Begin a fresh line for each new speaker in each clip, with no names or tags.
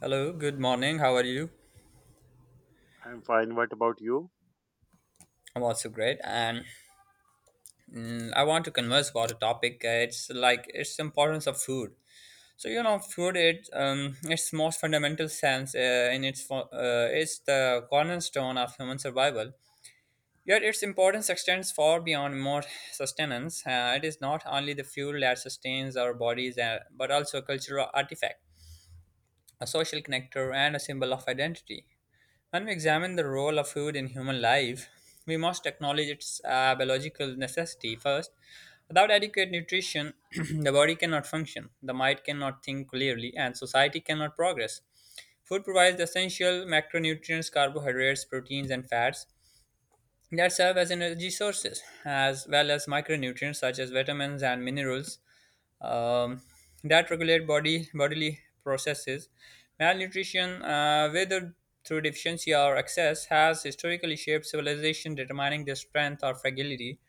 Hello, good morning. How are you?
I'm fine. What about you?
I'm also great, and I want to converse about a topic. It's like its importance of food. Food it its most fundamental sense in its it's the cornerstone of human survival. Yet its importance extends far beyond mere sustenance. It is not only the fuel that sustains our bodies, but also a cultural artifact, a social connector, and a symbol of identity. When we examine the role of food in human life, we must acknowledge its biological necessity first. Without adequate nutrition, the body cannot function, the mind cannot think clearly, and society cannot progress. Food provides the essential macronutrients, carbohydrates, proteins, and fats that serve as energy sources, as well as micronutrients such as vitamins and minerals um, that regulate body bodily processes. Malnutrition, whether through deficiency or excess, has historically shaped civilization, determining their strength or fragility.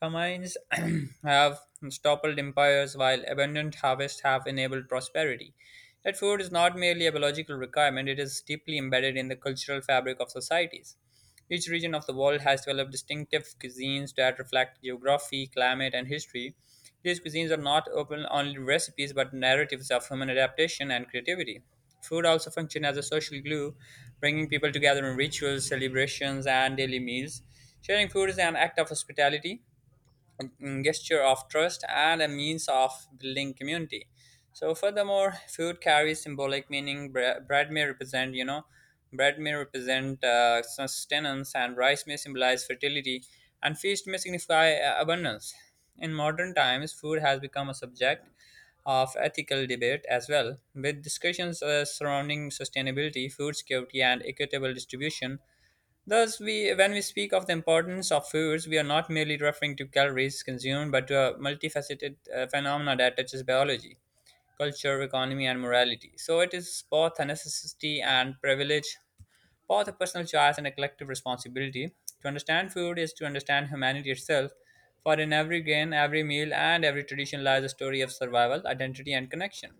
Famines have toppled empires, while abundant harvests have enabled prosperity. Yet, food is not merely a biological requirement, it is deeply embedded in the cultural fabric of societies. Each region of the world has developed distinctive cuisines that reflect geography, climate, and history. These cuisines are not open only recipes but narratives of human adaptation and creativity. Food also functions as a social glue, bringing people together in rituals, celebrations, and daily meals. Sharing food is an act of hospitality, gesture of trust and a means of building community. So, furthermore, food carries symbolic meaning. Bread may represent, bread may represent sustenance, and rice may symbolize fertility, and feast may signify abundance. In modern times, food has become a subject of ethical debate as well, with discussions surrounding sustainability, food security, and equitable distribution. Thus, when we speak of the importance of foods, we are not merely referring to calories consumed, but to a multifaceted phenomena that touches biology, culture, economy, and morality. So, it is both a necessity and privilege, both a personal choice and a collective responsibility. To understand food is to understand humanity itself, for in every grain, every meal, and every tradition lies a story of survival, identity, and connection.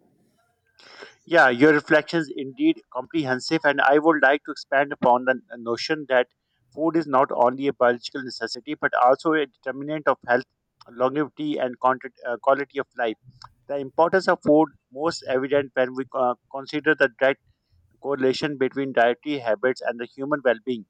Yeah, your reflections indeed comprehensive, and I would like to expand upon the notion that food is not only a biological necessity but also a determinant of health, longevity, and content, quality of life. The importance of food most evident when we consider the direct correlation between dietary habits and the human well-being.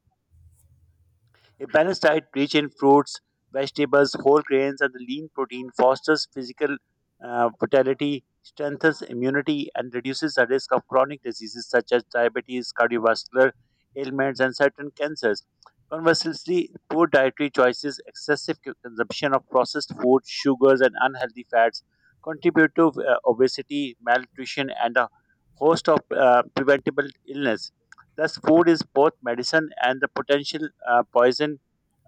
A balanced diet rich in fruits, vegetables, whole grains, and lean protein fosters physical vitality, strengthens immunity, and reduces the risk of chronic diseases such as diabetes, cardiovascular ailments, and certain cancers. Conversely, poor dietary choices, excessive consumption of processed food, sugars, and unhealthy fats contribute to obesity, malnutrition, and a host of preventable illness. Thus, food is both medicine and the potential poison,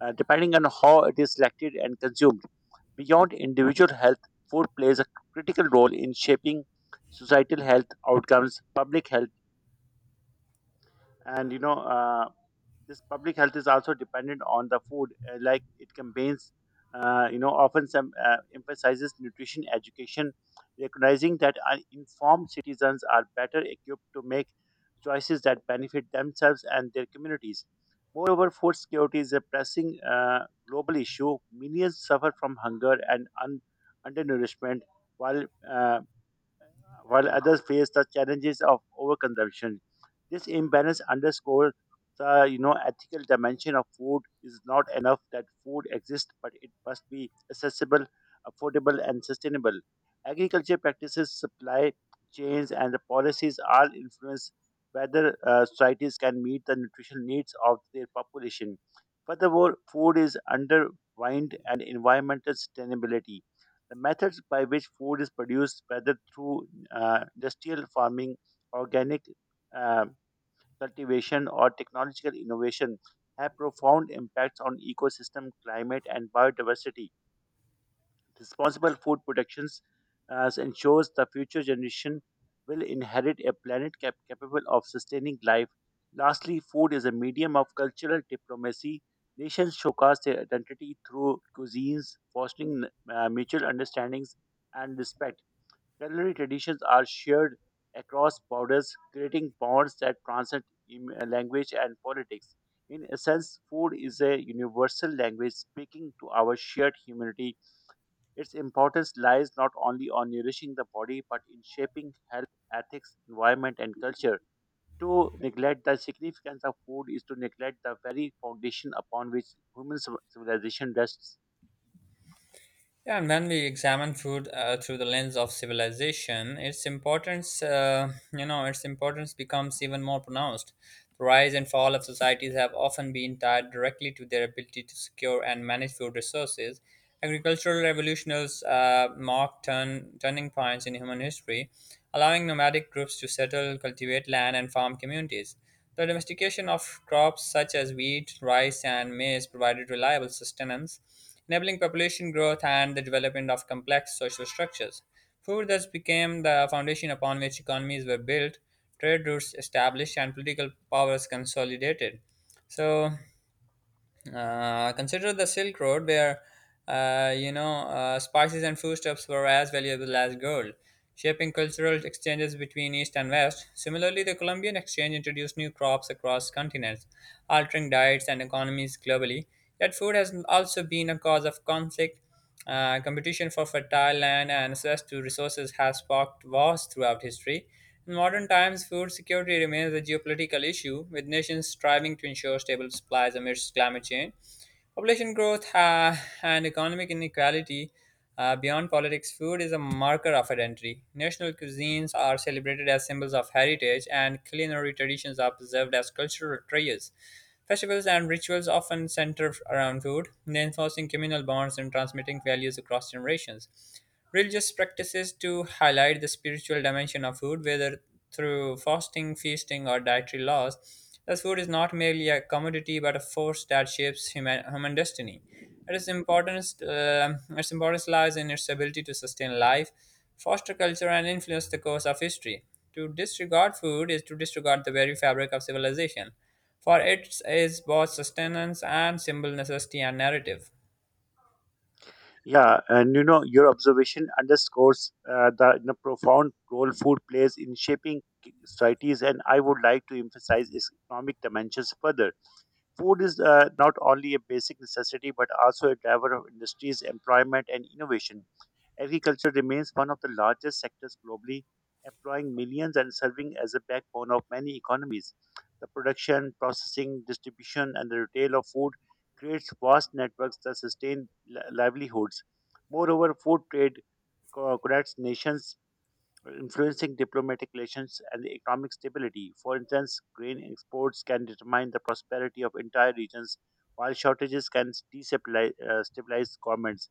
depending on how it is selected and consumed. Beyond individual health, food plays a critical role in shaping societal health outcomes, public health, and this public health is also dependent on the food like it campaigns often some emphasizes nutrition education recognizing that uninformed citizens are better equipped to make choices that benefit themselves and their communities. Moreover, food security is a pressing global issue. Millions suffer from hunger and undernourishment while uh, while others face the challenges of overconsumption. This imbalance underscores the ethical dimension of food. Is not enough that food exists, but it must be accessible, affordable, and sustainable. Agriculture practices, supply chains, and the policies all influence whether societies can meet the nutritional needs of their population. Furthermore, food is undermined and environmental sustainability. The methods by which food is produced, whether through industrial farming, organic uh, cultivation, or technological innovation, have profound impacts on ecosystem, climate, and biodiversity. Responsible food productions ensures the future generation will inherit a planet capable of sustaining life. Lastly, food is a medium of cultural diplomacy. Nations showcase their identity through cuisines, fostering mutual understandings and respect. Culinary traditions are shared across borders, creating bonds that transcend language and politics. In essence, food is a universal language speaking to our shared humanity. Its importance lies not only on nourishing the body but in shaping health, ethics, environment, and culture. To neglect the significance of food is to neglect the very foundation upon which human civilization rests.
Yeah, and when we examine food through the lens of civilization, its importance becomes even more pronounced. The rise and fall of societies have often been tied directly to their ability to secure and manage food resources. Agricultural revolutions marked turning points in human history, allowing nomadic groups to settle, cultivate land, and farm communities. The domestication of crops such as wheat, rice, and maize provided reliable sustenance enabling population growth and the development of complex social structures. Food thus became the foundation upon which economies were built, trade routes established, and political powers consolidated. So, Consider the Silk Road, where spices and foodstuffs were as valuable as gold, shaping cultural exchanges between East and West. Similarly, the Columbian Exchange introduced new crops across continents, altering diets and economies globally. Yet, food has also been a cause of conflict, competition for fertile land and access to resources has sparked wars throughout history. In modern times, food security remains a geopolitical issue, with nations striving to ensure stable supplies amidst climate change. Population growth and economic inequality. Beyond politics, food is a marker of identity. National cuisines are celebrated as symbols of heritage, and culinary traditions are preserved as cultural treasures. Festivals and rituals often center around food, reinforcing communal bonds and transmitting values across generations. Religious practices to highlight the spiritual dimension of food, whether through fasting, feasting, or dietary laws, as food is not merely a commodity but a force that shapes human destiny. Its importance lies in its ability to sustain life, foster culture, and influence the course of history. To disregard food is to disregard the very fabric of civilization, for it is both sustenance and symbol necessity and narrative.
Yeah, and your observation underscores the profound role food plays in shaping societies, and I would like to emphasize its economic dimensions further. Food is not only a basic necessity but also a driver of industries, employment, and innovation. Agriculture remains one of the largest sectors globally, employing millions and serving as a backbone of many economies. The production, processing, distribution, and the retail of food creates vast networks that sustain livelihoods. Moreover, food trade connects nations influencing diplomatic relations and economic stability. For instance, grain exports can determine the prosperity of entire regions, while shortages can destabilize stabilize governments.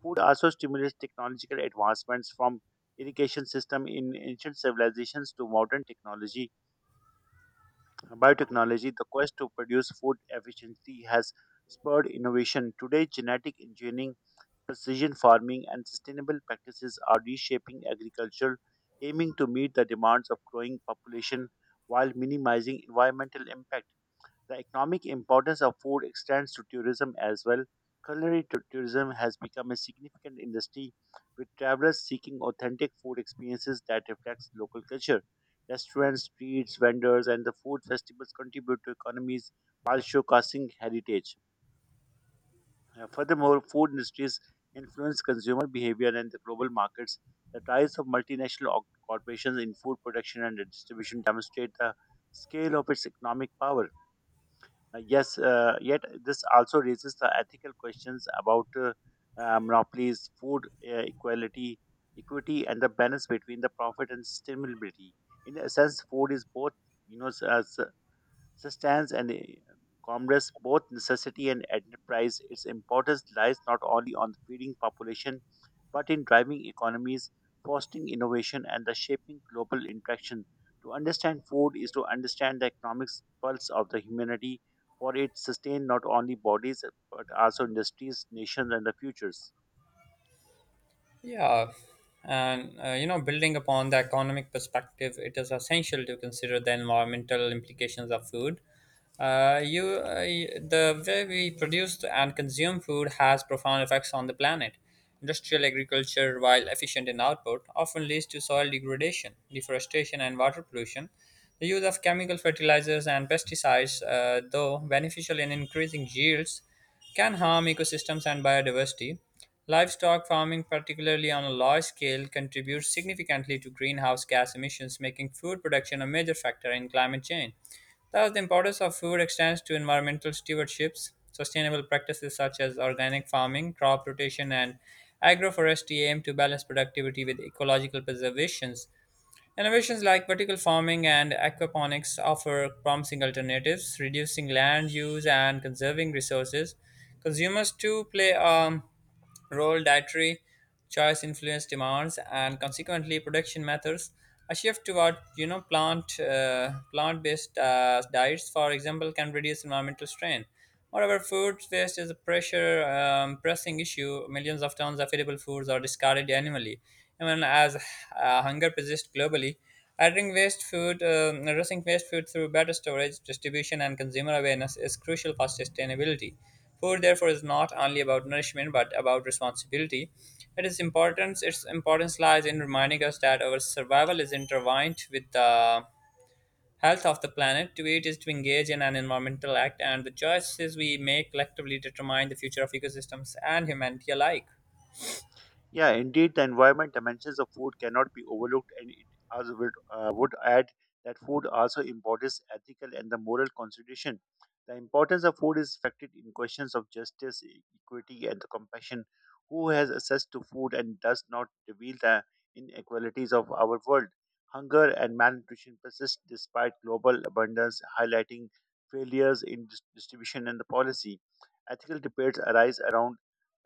Food also stimulates technological advancements from irrigation system in ancient civilizations to modern technology biotechnology. The quest to produce food efficiently has spurred innovation today. Genetic engineering, precision farming, and sustainable practices are reshaping agriculture, aiming to meet the demands of growing population while minimizing environmental impact. The economic importance of food extends to tourism as well. Culinary tourism has become a significant industry, with travelers seeking authentic food experiences that reflects local culture. Restaurants, streets, vendors, and the food festivals contribute to economies while showcasing heritage. Furthermore, food industries influence consumer behavior and the global markets. The rise of multinational corporations in food production and distribution demonstrate the scale of its economic power. Yes, yet this also raises the ethical questions about monopolies, food equality, equity, and the balance between the profit and sustainability. In a sense, food is both, as sustains and commerce, both necessity and enterprise. Its importance lies not only on feeding population, but in driving economies, fostering innovation, and the shaping global interaction. To understand food is to understand the economic pulse of the humanity, for it sustains not only bodies but also industries, nations, and the futures.
Yeah, and building upon the economic perspective, it is essential to consider the environmental implications of food. The way we produce and consume food has profound effects on the planet. Industrial agriculture, while efficient in output, often leads to soil degradation, deforestation, and water pollution. The use of chemical fertilizers and pesticides, though beneficial in increasing yields, can harm ecosystems and biodiversity. Livestock farming, particularly on a large scale, contributes significantly to greenhouse gas emissions, making food production a major factor in climate change. Thus, the importance of food extends to environmental stewardships. Sustainable practices such as organic farming, crop rotation, and agroforestry aim to balance productivity with ecological preservations. Innovations like vertical farming and aquaponics offer promising alternatives, reducing land use and conserving resources. Consumers too play role, dietary choice influence demands, and consequently production methods. A shift toward plant based diets, for example, can reduce environmental strain. Moreover, food waste is a pressure pressing issue. Millions of tons of edible foods are discarded annually, even as hunger persists globally. Addressing waste food through better storage, distribution, and consumer awareness is crucial for sustainability. Food, therefore, is not only about nourishment but about responsibility. It is importance. Its importance lies in reminding us that our survival is intertwined with the health of the planet. To eat is to engage in an environmental act, and the choices we make collectively determine the future of ecosystems and humanity alike.
Yeah, indeed, the environment dimensions of food cannot be overlooked, and it also would add that food also embodies ethical and the moral consideration. The importance of food is reflected in questions of justice, equity, and the compassion. Who has access to food and does not reveal the inequalities of our world? Hunger and malnutrition persist despite global abundance, highlighting failures in distribution and the policy. Ethical debates arise around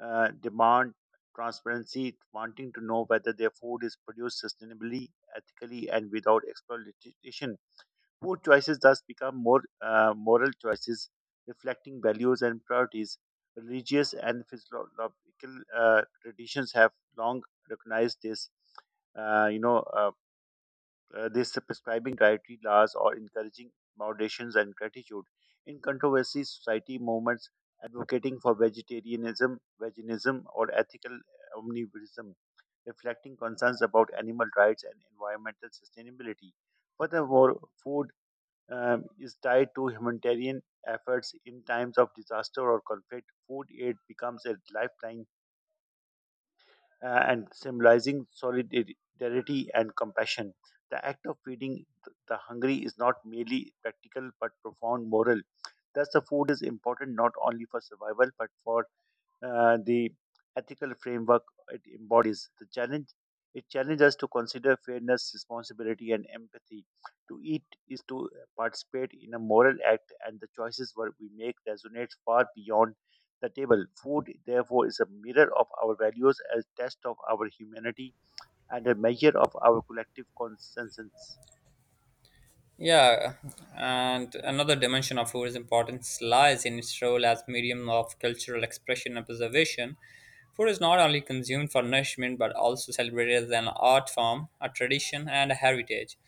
demand transparency, wanting to know whether their food is produced sustainably, ethically, and without exploitation. Food choices thus become more moral choices, reflecting values and priorities. Religious and physiological traditions have long recognized this. Uh, you know, uh, this prescribing dietary laws or encouraging moderations and gratitude. In controversy, society movements advocating for vegetarianism, veganism, or ethical omnivorism, reflecting concerns about animal rights and environmental sustainability. Furthermore, food is tied to humanitarian efforts in times of disaster or conflict. Food aid becomes a lifeline and symbolizing solidarity and compassion. The act of feeding the hungry is not merely practical but profound moral. Thus, the food is important not only for survival but for the ethical framework it embodies. The challenge it challenges us to consider fairness, responsibility, and empathy. To eat is to participate in a moral act, and the choices what we make resonate far beyond the table. Food, therefore, is a mirror of our values, a test of our humanity, and a measure of our collective consensus.
Yeah, and another dimension of food's importance lies in its role as medium of cultural expression and preservation. Food is not only consumed for nourishment but also celebrated as an art form, a tradition, and a heritage.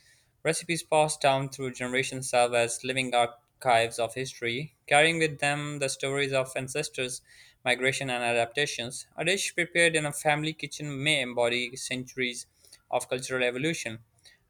Recipes passed down through generations serve as living archives of history, carrying with them the stories of ancestors, migration, and adaptations. A dish prepared in a family kitchen may embody centuries of cultural evolution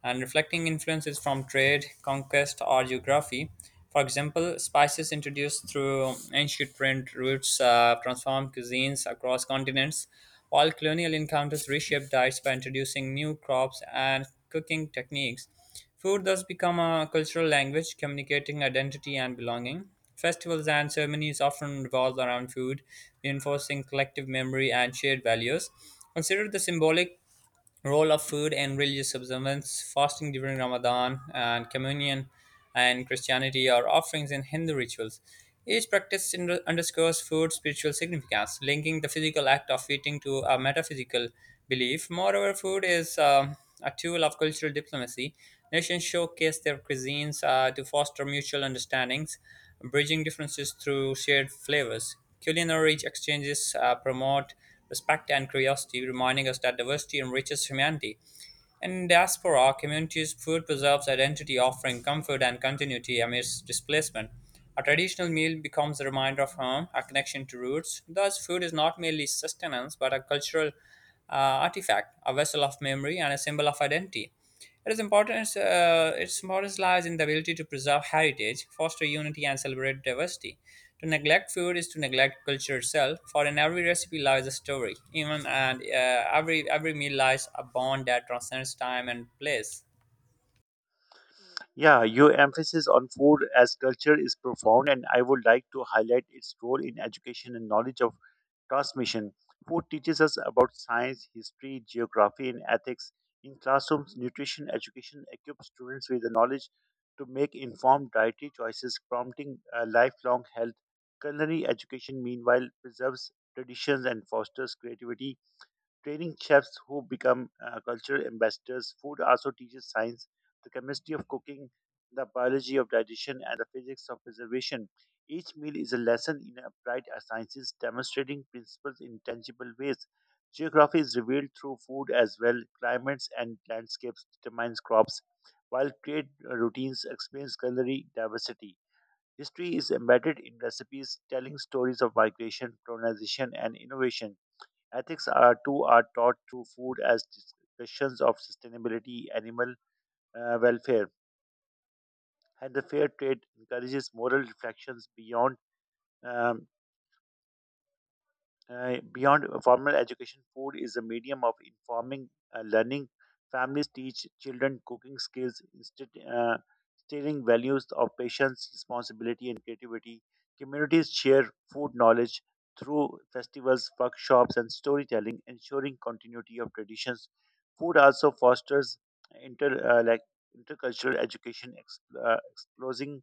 and reflecting influences from trade, conquest, or geography. For example, spices introduced through ancient trade routes transformed cuisines across continents, while colonial encounters reshaped diets by introducing new crops and cooking techniques. Food thus become a cultural language communicating identity and belonging. Festivals and ceremonies often revolve around food, reinforcing collective memory and shared values. Consider the symbolic role of food and religious observance, fasting during Ramadan, and communion and Christianity are offerings in Hindu rituals. Each practice underscores food's spiritual significance, linking the physical act of eating to a metaphysical belief. Moreover, food is a tool of cultural diplomacy. Nations showcase their cuisines to foster mutual understandings, bridging differences through shared flavors. Culinary exchanges promote respect, and curiosity, reminding us that diversity enriches humanity. In diaspora communities, food preserves identity, offering comfort and continuity amidst displacement. A traditional meal becomes a reminder of home, a connection to roots. Thus, food is not merely sustenance but a cultural artifact, a vessel of memory, and a symbol of identity. It is important. Its importance lies in the ability to preserve heritage, foster unity, and celebrate diversity. To neglect food is to neglect culture itself, for in every recipe lies a story. Even and Every meal lies a bond that transcends time and place.
Yeah, your emphasis on food as culture is profound, and I would like to highlight its role in education and knowledge of transmission. Food teaches us about science, history, geography, and ethics. In classrooms, nutrition education equips students with the knowledge to make informed dietary choices, prompting lifelong health. Culinary education, meanwhile, preserves traditions and fosters creativity training chefs who become cultural ambassadors. Food also teaches science, the chemistry of cooking, the biology of digestion, and the physics of preservation. Each meal is a lesson in applied sciences, demonstrating principles in tangible ways. Geography is revealed through food as well. Climates and landscapes determines crops, while trade routines explains culinary diversity. History is embedded in recipes, telling stories of migration, colonization, and innovation. Ethics are too are taught through food as discussions of sustainability, animal welfare, and the fair trade encourages moral reflections um, beyond formal education. Food is a medium of informing learning. Families teach children cooking skills, instilling values of patience, responsibility, and creativity. Communities share food knowledge through festivals, workshops, and storytelling, ensuring continuity of traditions. Food also fosters inter uh, like intercultural education, exposing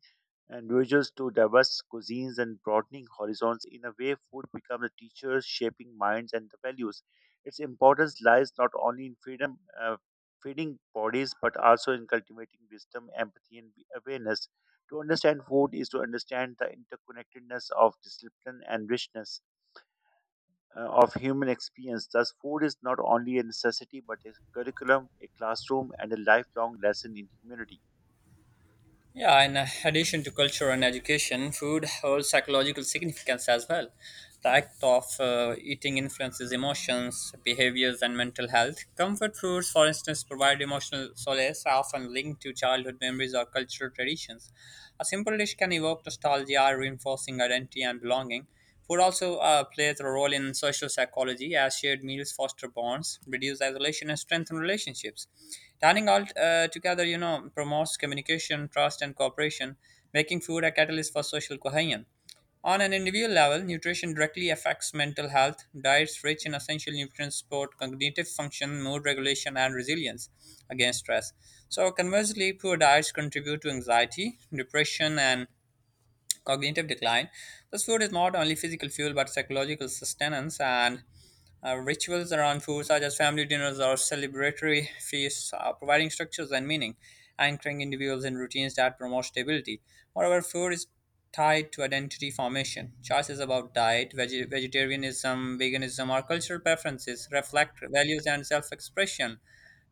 individuals to diverse cuisines and broadening horizons. In a way, food becomes a teacher, shaping minds and the values. Its importance lies not only in feeding bodies, but also in cultivating wisdom, empathy, and awareness. To understand food is to understand the interconnectedness of discipline and richness of human experience. Thus, food is not only a necessity, but a curriculum, a classroom, and a lifelong lesson in humanity.
Yeah, in addition to culture and education, food holds psychological significance as well. The act of eating influences emotions, behaviors, and mental health. Comfort foods, for instance, provide emotional solace, often linked to childhood memories or cultural traditions. A simple dish can evoke nostalgia, reinforcing identity and belonging. Food also plays a role in social psychology as shared meals foster bonds, reduce isolation, and strengthen relationships. Dining all together, promotes communication, trust, and cooperation, making food a catalyst for social cohesion. On an individual level, nutrition directly affects mental health. Diets rich in essential nutrients support cognitive function, mood regulation, and resilience against stress. So, conversely, poor diets contribute to anxiety, depression, and cognitive decline. Thus, food is not only physical fuel but psychological sustenance, and rituals around food, such as family dinners or celebratory feasts, are providing structures and meaning, anchoring individuals in routines that promote stability. Moreover, food is tied to identity formation. Choices about diet, vegetarianism, veganism, or cultural preferences reflect values and self expression.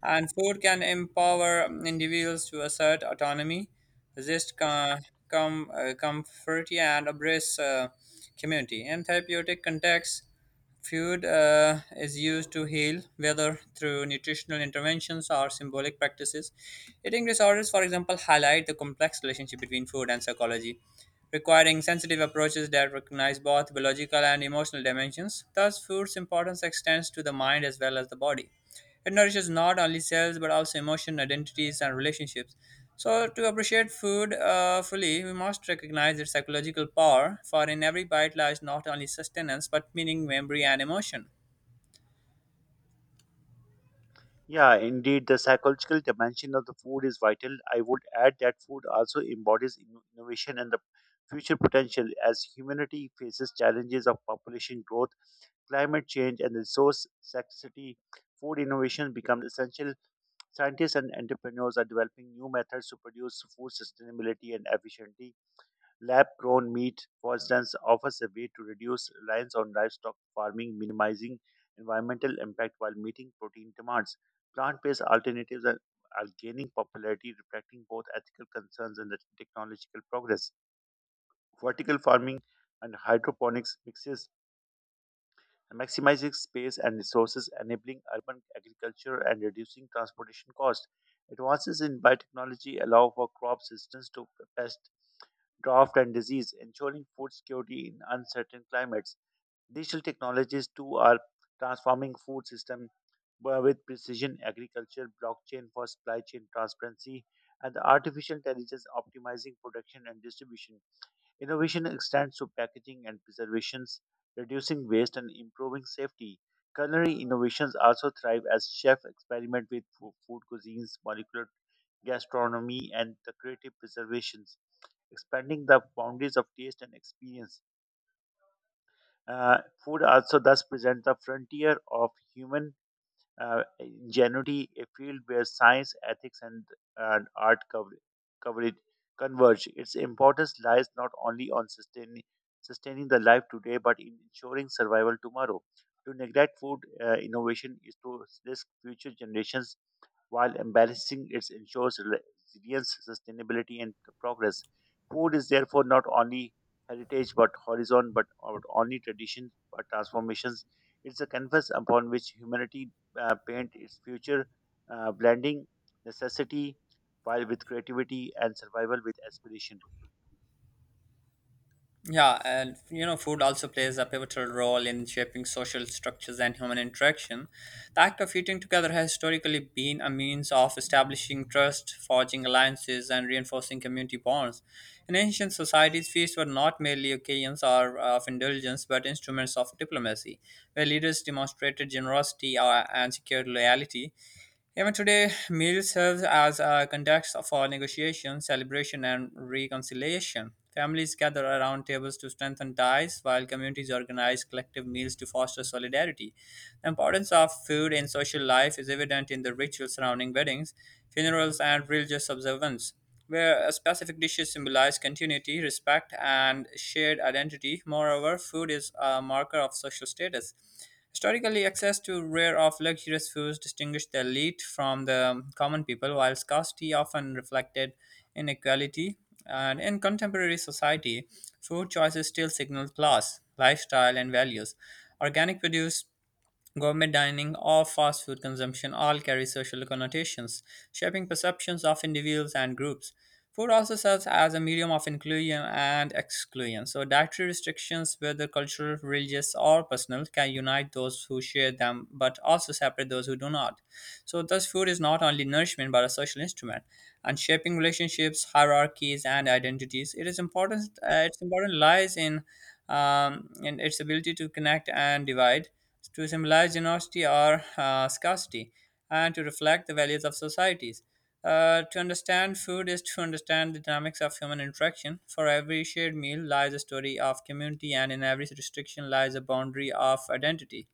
And food can empower individuals to assert autonomy resist comfort and embrace community. In therapeutic contexts, food is used to heal, whether through nutritional interventions or symbolic practices. Eating disorders, for example, highlight the complex relationship between food and psychology, requiring sensitive approaches that recognize both biological and emotional dimensions. Thus, food's importance extends to the mind as well as the body. It nourishes not only cells but also emotion, identities, and relationships. So, to appreciate food fully, we must recognize its psychological power, for in every bite lies not only sustenance but meaning, memory, and emotion.
Yeah, indeed, the psychological dimension of the food is vital. I would add that food also embodies innovation and the future potential as humanity faces challenges of population growth, climate change, and resource scarcity. Food innovation becomes essential. Scientists and entrepreneurs are developing new methods to produce food sustainability and efficiently. Lab grown meat, for instance, offers a way to reduce reliance on livestock farming, minimizing environmental impact while meeting protein demands. Plant based alternatives are gaining popularity, reflecting both ethical concerns and the technological progress. Vertical farming and hydroponics mixes and maximizing space and resources, enabling urban agriculture and reducing transportation costs. Advances in biotechnology allow for crop systems to pest, drought, and disease, ensuring food security in uncertain climates. Digital technologies too are transforming food system where with precision agriculture, blockchain for supply chain transparency, and the artificial intelligence optimizing production and distribution. Innovation extends to packaging and preservations, reducing waste and improving safety. Culinary innovations also thrive as chefs experiment with food cuisines, molecular gastronomy, and the creative preservations, expanding the boundaries of taste and experience. Uh, Food also thus presents the frontier of human in a field where science, ethics, and art cover, coverage converge. Its importance lies not only on sustaining the life today, but in ensuring survival tomorrow. To neglect food innovation is to risk future generations while embracing it ensures resilience, sustainability, and progress. Food is therefore not only heritage but horizon, but not only tradition but transformations. It's a canvas upon which humanity paint its future, blending necessity while with creativity and survival with aspiration.
Yeah, and you know, food also plays a pivotal role in shaping social structures and human interaction. The act of eating together has historically been a means of establishing trust, forging alliances, and reinforcing community bonds. In ancient societies, feasts were not merely occasions or of indulgence, but instruments of diplomacy, where leaders demonstrated generosity and secured loyalty. Even today, meal serves as a context for negotiation, celebration, and reconciliation. Families gather around tables to strengthen ties, while communities organize collective meals to foster solidarity. The importance of food in social life is evident in the rituals surrounding weddings, funerals, and religious observance where a specific dishes symbolize continuity, respect, and shared identity. Moreover, food is a marker of social status. Historically, access to rare of luxurious foods distinguished the elite from the common people, while scarcity often reflected inequality. And in contemporary society, food choices still signal class, lifestyle, and values. Organic produce gourmet dining or fast food consumption all carry social connotations, shaping perceptions of individuals and groups. Food also serves as a medium of inclusion and exclusion, so dietary restrictions, whether cultural, religious, or personal, can unite those who share them but also separate those who do not. So, thus, food is not only nourishment but a social instrument, and shaping relationships, hierarchies, and identities. It is important. Its importance lies in its ability to connect and divide to symbolize generosity or scarcity and to reflect the values of societies. To understand food is to understand the dynamics of human interaction. For every shared meal lies a story of community, and in every restriction lies a boundary of identity.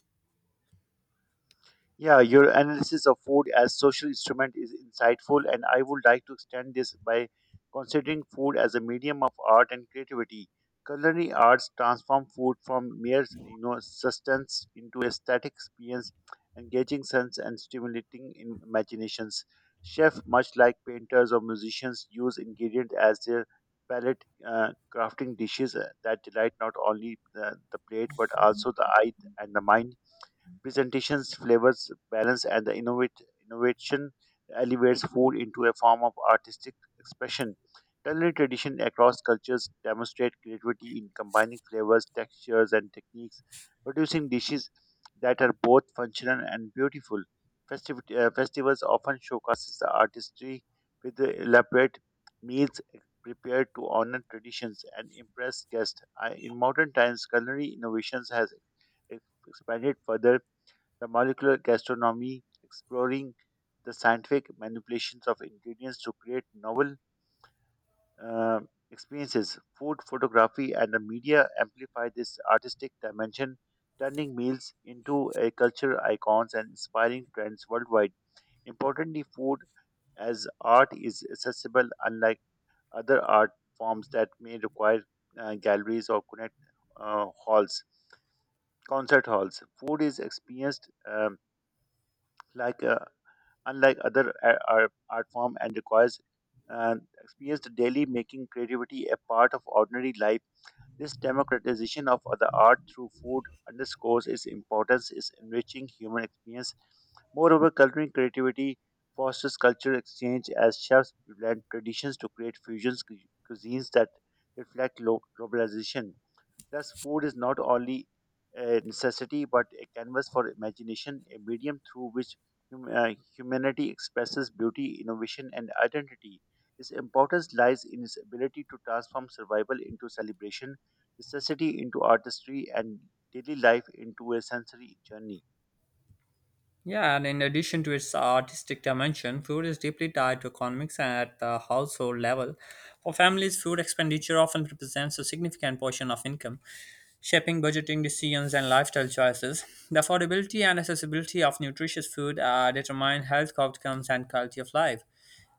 Yeah, your analysis of food as social instrument is insightful, and I would like to extend this by considering food as a medium of art and creativity. Culinary arts transform food from mere, you know, sustenance into aesthetic experience, engaging sense and stimulating in imaginations. Chefs, much like painters or musicians, use ingredients as their palette, crafting dishes that delight not only the plate but also the eye and the mind, presentations, flavors, balance, and the innovate innovation elevates food into a form of artistic expression. Culinary tradition across cultures demonstrate creativity in combining flavors, textures, and techniques, producing dishes that are both functional and beautiful. Festivals often showcases the artistry with the elaborate meals prepared to honor traditions and impress guests. In modern times culinary innovations has expanded further the molecular gastronomy, exploring the scientific manipulations of ingredients to create novel uh, experiences. Food photography and the media amplify this artistic dimension, turning meals into a culture icons and inspiring trends worldwide. Importantly, food as art is accessible, unlike other art forms that may require galleries or connect halls, concert halls. Food is experienced like a, unlike other art form and requires uh, experienced daily, making creativity a part of ordinary life. This democratization of the art through food underscores its importance is enriching human experience. Moreover, cultural creativity fosters cultural exchange as chefs blend traditions to create fusions cuisines that reflect globalization. Thus, food is not only a necessity but a canvas for imagination, a medium through which humanity expresses beauty, innovation, and identity. Its importance lies in its ability to transform survival into celebration, necessity into artistry, and daily life into a sensory journey.
Yeah, and in addition to its artistic dimension, food is deeply tied to economics at the household level. For families, food expenditure often represents a significant portion of income, shaping budgeting decisions and lifestyle choices. The affordability and accessibility of nutritious food determine health outcomes and quality of life.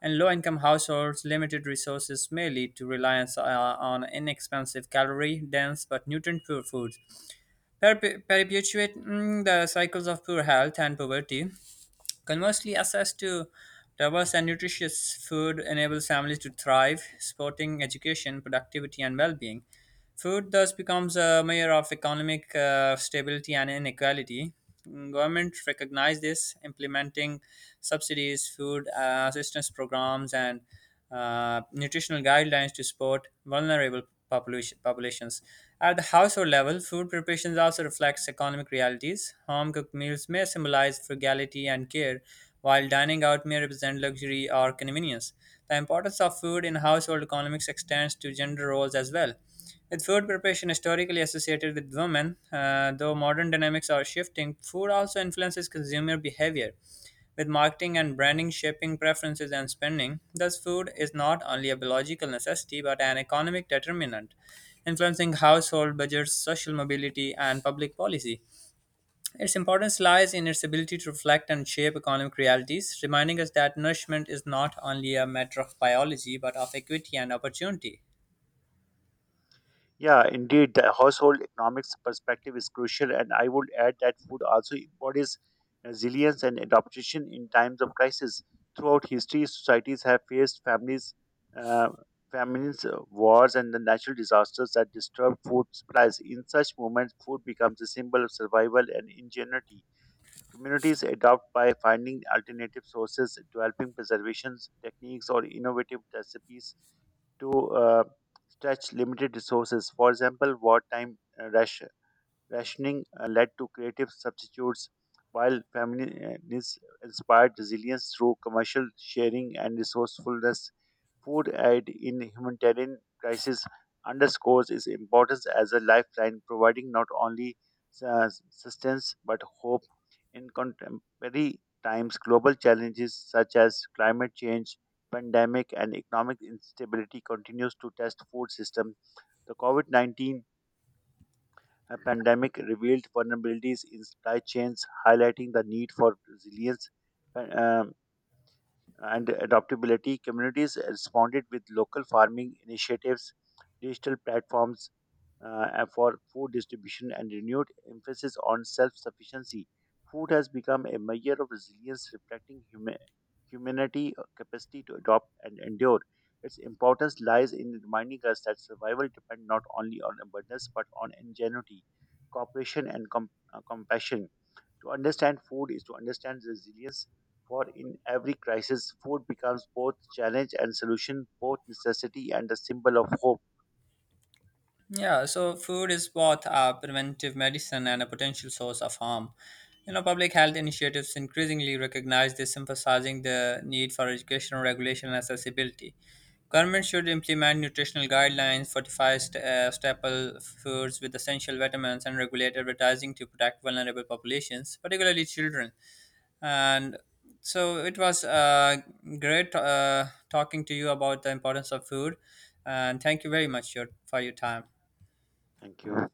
In low income households, limited resources may lead to reliance on inexpensive, calorie dense, but nutrient poor foods perpetuating the cycles of poor health and poverty. Conversely, access to diverse and nutritious food enables families to thrive, supporting education, productivity, and well being. Food thus becomes a measure of economic stability and inequality. Government recognize this, implementing subsidies, food assistance programs, and nutritional guidelines to support vulnerable populations. At the household level, food preparations also reflects economic realities. Home cooked meals may symbolize frugality and care, while dining out may represent luxury or convenience. The importance of food in household economics extends to gender roles as well. With food preparation historically associated with women, though modern dynamics are shifting, food also influences consumer behavior, with marketing and branding shaping preferences and spending. Thus, food is not only a biological necessity but an economic determinant, influencing household budgets, social mobility, and public policy. Its importance lies in its ability to reflect and shape economic realities, reminding us that nourishment is not only a matter of biology but of equity and opportunity.
Yeah, indeed, the household economics perspective is crucial, and I would add that food also embodies resilience and adaptation in times of crisis. Throughout history, societies have faced families, uh, famines, wars, and the natural disasters that disturb food supplies. In such moments, food becomes a symbol of survival and ingenuity. Communities adapt by finding alternative sources, developing preservation techniques, or innovative recipes to uh, stretch limited resources. For example, wartime Russia, rationing led to creative substitutes, while feminism inspired resilience through commercial sharing and resourcefulness. Food aid in humanitarian crisis underscores its importance as a lifeline, providing not only sustenance but hope. In contemporary times, global challenges such as climate change, pandemic, and economic instability continues to test food system. The COVID-19 a pandemic revealed vulnerabilities in supply chains, highlighting the need for resilience uh, um, and adaptability. Communities responded with local farming initiatives, digital platforms, for food distribution and renewed emphasis on self sufficiency. Food has become a measure of resilience, reflecting humanity' capacity to adopt and endure. Its importance lies in reminding us that survival depends not only on abundance but on ingenuity, cooperation, and compassion. To understand food is to understand resilience, for in every crisis, food becomes both challenge and solution, both necessity and a symbol of hope.
Yeah, so food is both a preventive medicine and a potential source of harm. You know, public health initiatives increasingly recognize this, emphasizing the need for educational regulation and accessibility. Governments should implement nutritional guidelines, fortify staple foods with essential vitamins, and regulate advertising to protect vulnerable populations, particularly children. And so it was great talking to you about the importance of food, and thank you very much for your time.
Thank you.